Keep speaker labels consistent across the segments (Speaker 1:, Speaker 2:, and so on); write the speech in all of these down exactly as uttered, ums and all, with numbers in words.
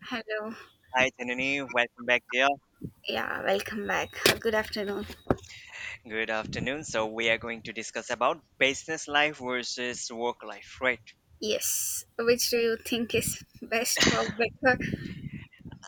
Speaker 1: Hello.
Speaker 2: Hi, Tanuni. Welcome back, dear.
Speaker 1: Yeah, welcome back. Good afternoon.
Speaker 2: Good afternoon. So we are going to discuss about business life versus work life, right?
Speaker 1: Yes. Which do you think is best or better?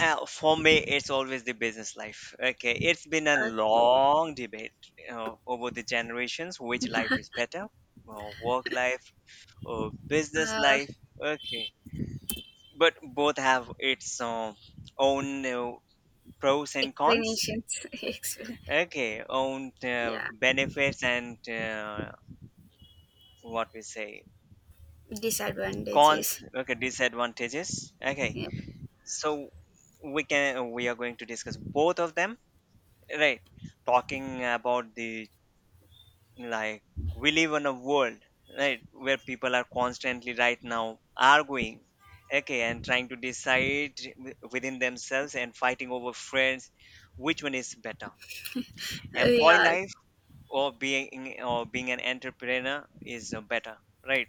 Speaker 2: Uh, for me, it's always the business life. Okay, it's been a
Speaker 1: Okay.
Speaker 2: long debate uh, over the generations which life is better, uh, work life or business
Speaker 1: Uh,
Speaker 2: life. Okay, but both have its uh, own uh, pros and cons.
Speaker 1: Explanations. Expl-
Speaker 2: Okay, own uh,
Speaker 1: yeah.
Speaker 2: benefits and uh, what we say cons.
Speaker 1: Disadvantages.
Speaker 2: Okay, disadvantages. Okay,
Speaker 1: Yep.
Speaker 2: so we can we are going to discuss both of them, right? Talking about the, like, we live in a world, right, where people are constantly right now arguing. Okay, and trying to decide wi- within themselves and fighting over friends which one is better,
Speaker 1: Uh,
Speaker 2: employee
Speaker 1: yeah.
Speaker 2: life or being or being an entrepreneur is uh, better, right?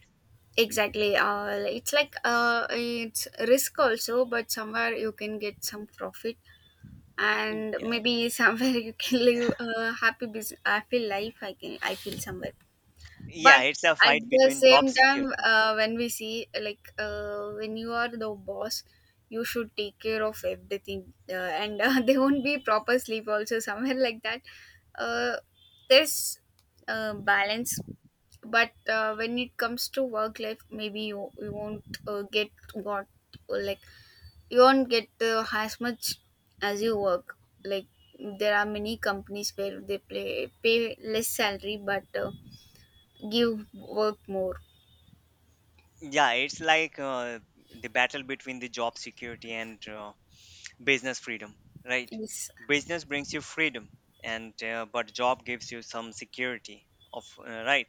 Speaker 1: Exactly. Uh, it's like uh, it's risk also, but somewhere you can get some profit, and maybe somewhere you can live a happy business, happy life. I can. I feel somewhere.
Speaker 2: Yeah,
Speaker 1: But
Speaker 2: it's a
Speaker 1: at
Speaker 2: fight
Speaker 1: the
Speaker 2: between job
Speaker 1: same time,
Speaker 2: security.
Speaker 1: uh, when we see like uh, when you are the boss, you should take care of everything, uh, and uh, there won't be proper sleep also, somewhere like that. Uh, there's uh, Balance. But uh, when it comes to work life, maybe you, you won't uh, get what, like, you won't get uh, as much as you work, like, there are many companies where they play, pay less salary but uh, give work more.
Speaker 2: Yeah, it's like uh, the battle between the job security and uh, business freedom, right?
Speaker 1: Yes.
Speaker 2: Business brings you freedom, and uh, but job gives you some security of uh, right.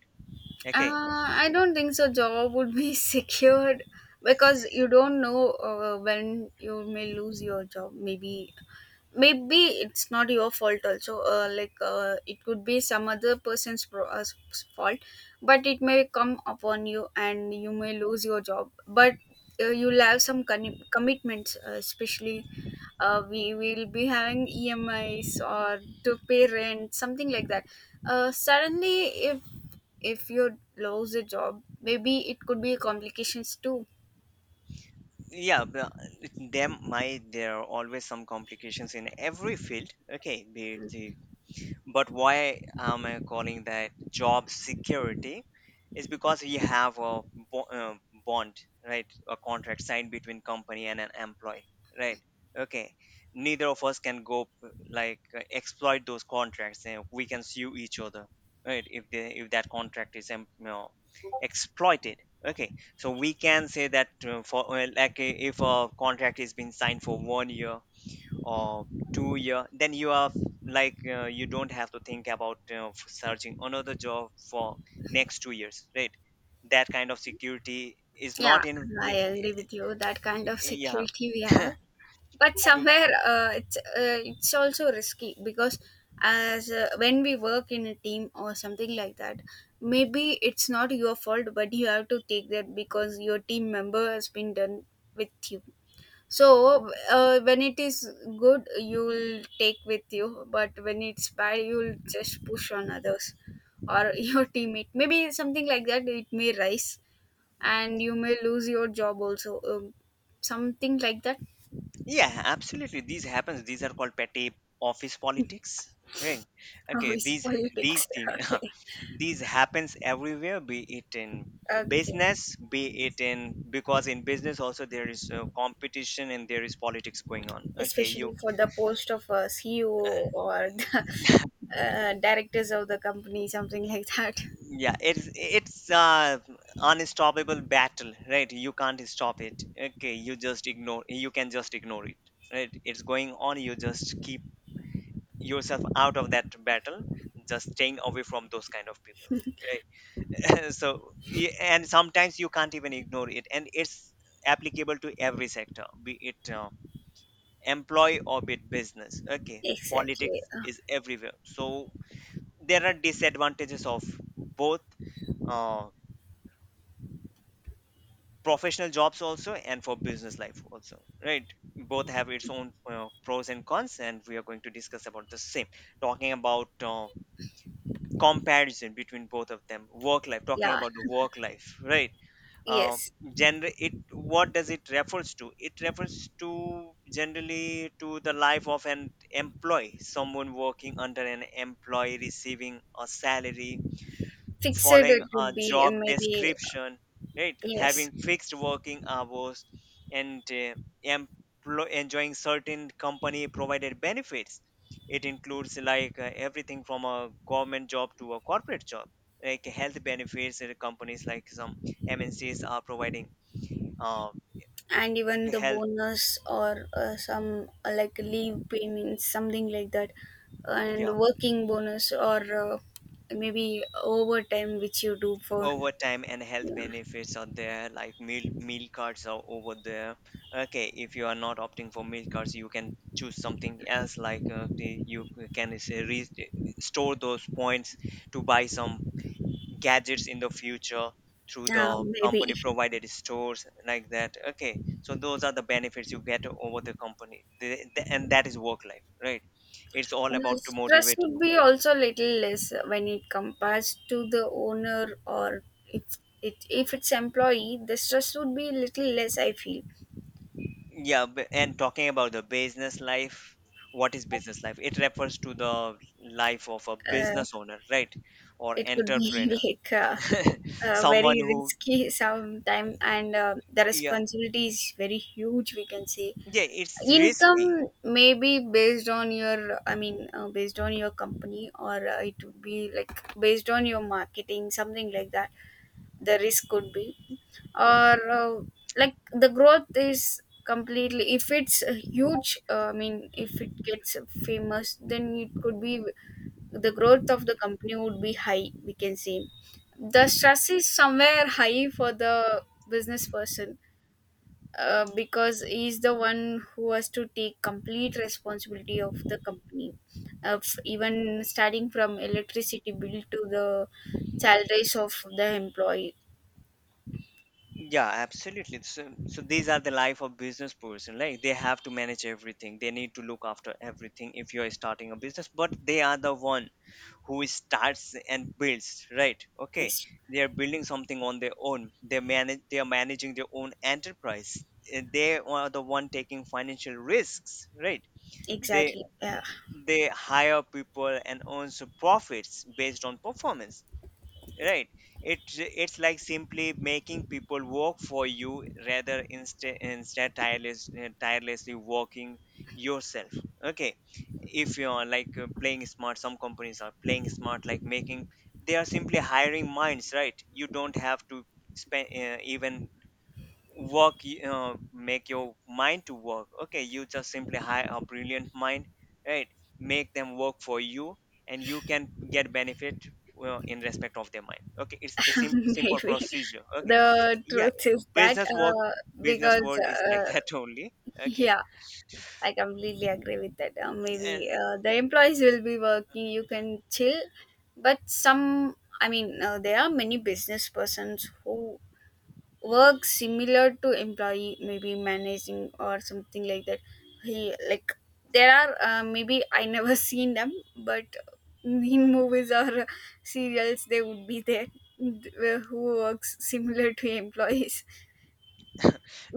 Speaker 2: Okay,
Speaker 1: uh, I don't think so job would be secured, because you don't know uh, when you may lose your job. Maybe maybe it's not your fault also, uh, like uh, it could be some other person's pro- uh, s- s- fault, but it may come upon you and you may lose your job. But uh, you'll have some con- commitments, uh, especially uh, we will be having emis or to pay rent, something like that. Uh, suddenly, if if you lose a job, maybe it could be complications too.
Speaker 2: yeah, but them my there are always some complications in every field. Okay, be it the, but why am I calling that job security is because we have a bo- uh, bond, right? A contract signed between company and an employee, right? Okay, neither of us can go p- like uh, exploit those contracts and we can sue each other, right, if they if that contract is em- you know, exploited. Okay, so we can say that uh, for uh, like uh, if a contract is being signed for one year or two year, then you are like uh, you don't have to think about uh, f- searching another job for next two years, right? That kind of security is
Speaker 1: Yeah,
Speaker 2: not in,
Speaker 1: I agree with you, that kind of
Speaker 2: yeah.
Speaker 1: security we have. But
Speaker 2: Mm,
Speaker 1: somewhere uh, it's uh, it's also risky, because as uh, when we work in a team or something like that, maybe it's not your fault but you have to take that, because your team member has been done with you. So uh, when it is good, you'll take with you, but when it's bad, you'll just push on others or your teammate. Maybe something like that, it may rise and you may lose your job also. Um, something like that.
Speaker 2: yeah, absolutely, these happens. These are called petty office politics, right?
Speaker 1: How
Speaker 2: Okay,
Speaker 1: is
Speaker 2: these these
Speaker 1: politics?
Speaker 2: things.
Speaker 1: Okay.
Speaker 2: These happens everywhere, be it in
Speaker 1: Okay.
Speaker 2: business, be it in, because in business also there is uh, competition and there is politics going on. Okay, you,
Speaker 1: Especially for the post of a C E O or the uh, directors of the company, something like that.
Speaker 2: yeah, it's it's uh unstoppable battle, right? You can't stop it. Okay, you just ignore, you can just ignore it, right? It's going on, you just keep yourself out of that battle, just staying away from those kind of people, right? So y- and sometimes you can't even ignore it, and it's applicable to every sector, be it uh, employee or be it business. Okay,
Speaker 1: Exactly.
Speaker 2: politics
Speaker 1: Uh,
Speaker 2: is everywhere, so there are disadvantages of both, uh, professional jobs also and for business life also, right? Both have its own uh, pros and cons, and we are going to discuss about the same. Talking about uh, comparison between both of them, work life. Talking
Speaker 1: yeah.
Speaker 2: about the work life, right? uh,
Speaker 1: Yes.
Speaker 2: Gender, it, what does it refers to? It refers to generally to the life of an employee, someone working under an employee, receiving a salary,
Speaker 1: Fixed it
Speaker 2: following a
Speaker 1: would be,
Speaker 2: job
Speaker 1: uh, maybe,
Speaker 2: description, right?
Speaker 1: yes.
Speaker 2: Having fixed working hours and uh, emplo- enjoying certain company provided benefits. It includes like uh, everything from a government job to a corporate job, like health benefits. uh, Companies like some M N Cs are providing uh,
Speaker 1: And even the
Speaker 2: health.
Speaker 1: bonus or uh, some uh, like leave payments, something like that.
Speaker 2: Yeah,
Speaker 1: And working bonus or uh, maybe overtime which you do for,
Speaker 2: over time and health
Speaker 1: yeah.
Speaker 2: benefits are there, like meal meal cards are over there. Okay, if you are not opting for meal cards, you can choose something else, like uh, the, you can say re- store those points to buy some gadgets in the future through the
Speaker 1: Uh, maybe.
Speaker 2: company provided stores, like that. Okay, so those are the benefits you get over the company. The- the- and that is work life, right? It's all
Speaker 1: Uh,
Speaker 2: about to
Speaker 1: stress
Speaker 2: motivate
Speaker 1: would
Speaker 2: you.
Speaker 1: be also little less when it compares to the owner, or if it if it's employee, the stress would be little less, I feel.
Speaker 2: Yeah, b- and talking about the business life, what is business life? It refers to the life of a
Speaker 1: uh,
Speaker 2: business owner, right? Or
Speaker 1: it could be
Speaker 2: entrepreneur.
Speaker 1: like uh, uh,
Speaker 2: Someone
Speaker 1: very
Speaker 2: who,
Speaker 1: risky sometime, and uh, the
Speaker 2: yeah,
Speaker 1: responsibility is very huge, we can say.
Speaker 2: yeah, it's risky.
Speaker 1: Income may be based on your, I mean, uh, based on your company, or uh, it would be like based on your marketing, something like that. The risk could be, or uh, like the growth is completely, if it's a huge, uh, I mean, if it gets famous, then it could be, the growth of the company would be high, we can say. The stress is somewhere high for the business person, uh, because he's the one who has to take complete responsibility of the company, of even starting from electricity bill to the salaries of the employees.
Speaker 2: Yeah, absolutely. So, so these are the life of business person. Like, they have to manage everything. They need to look after everything if you're starting a business, but they are the one who starts and builds, right? Okay, they are building something on their own, they manage, they are managing their own enterprise. Uh, they are the one taking financial risks, right? they
Speaker 1: Exactly. Yeah,
Speaker 2: they hire people and earns profits based on performance, right? It's it's like simply making people work for you, rather, instead instead tireless, tirelessly working yourself. Okay, if you're like uh, playing smart, some companies are playing smart, like, making, they are simply hiring minds, right? You don't have to spend uh, even work y- uh, make your mind to work. Okay, you just simply hire a brilliant mind, right? Make them work for you and you can get benefit, well, in respect of their mind. Okay, it's the sim- simple
Speaker 1: maybe.
Speaker 2: procedure. Okay,
Speaker 1: The
Speaker 2: yeah,
Speaker 1: truth is that,
Speaker 2: business work
Speaker 1: uh,
Speaker 2: business
Speaker 1: because
Speaker 2: world is like
Speaker 1: uh,
Speaker 2: that only. Okay,
Speaker 1: yeah, I completely agree with that. Uh,
Speaker 2: and
Speaker 1: maybe uh, the employees will be working. You can chill. But some, I mean, uh, there are many business persons who work similar to employee, maybe managing or something like that. He like there are uh, maybe I never seen them, but in movies or serials they would be there, th- who works similar to employees.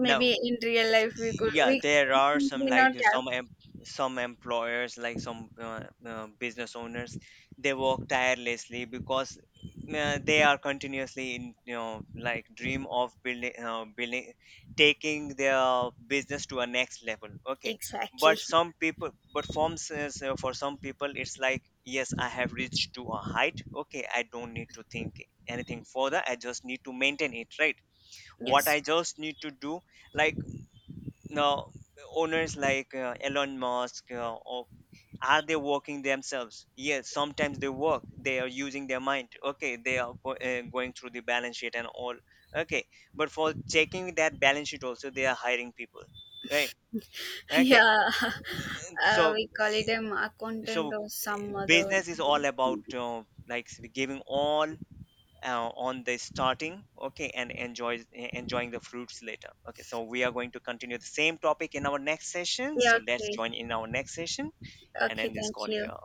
Speaker 2: now,
Speaker 1: in real life we could,
Speaker 2: yeah,
Speaker 1: we
Speaker 2: there are some,
Speaker 1: may
Speaker 2: like,
Speaker 1: not have.
Speaker 2: some em- some employers, like some uh, uh, business owners, they work tirelessly because uh, they are continuously in, you know, like, dream of building uh, building, taking their business to a next level. Okay, but
Speaker 1: Exactly.
Speaker 2: some people, but forms is, uh, for some people it's like, yes, I have reached to a height. Okay, I don't need to think anything further, I just need to maintain it, right? What I
Speaker 1: Yes.
Speaker 2: just need to do, like, no, owners like uh, Elon Musk uh, or, are they working themselves? Yes, sometimes they work. They are using their mind. Okay, they are go- uh, going through the balance sheet and all. Okay, but for checking that balance sheet also, they are hiring people. Right. Okay.
Speaker 1: Yeah. Uh,
Speaker 2: So,
Speaker 1: we call it an accountant
Speaker 2: so
Speaker 1: or some other.
Speaker 2: business is all about uh, like giving all uh, on the starting. Okay, and enjoy enjoying the fruits later. Okay, so we are going to continue the same topic in our next session.
Speaker 1: Yeah,
Speaker 2: So let's
Speaker 1: okay.
Speaker 2: join in our next session and
Speaker 1: Okay,
Speaker 2: end this
Speaker 1: thank
Speaker 2: call
Speaker 1: you.
Speaker 2: here.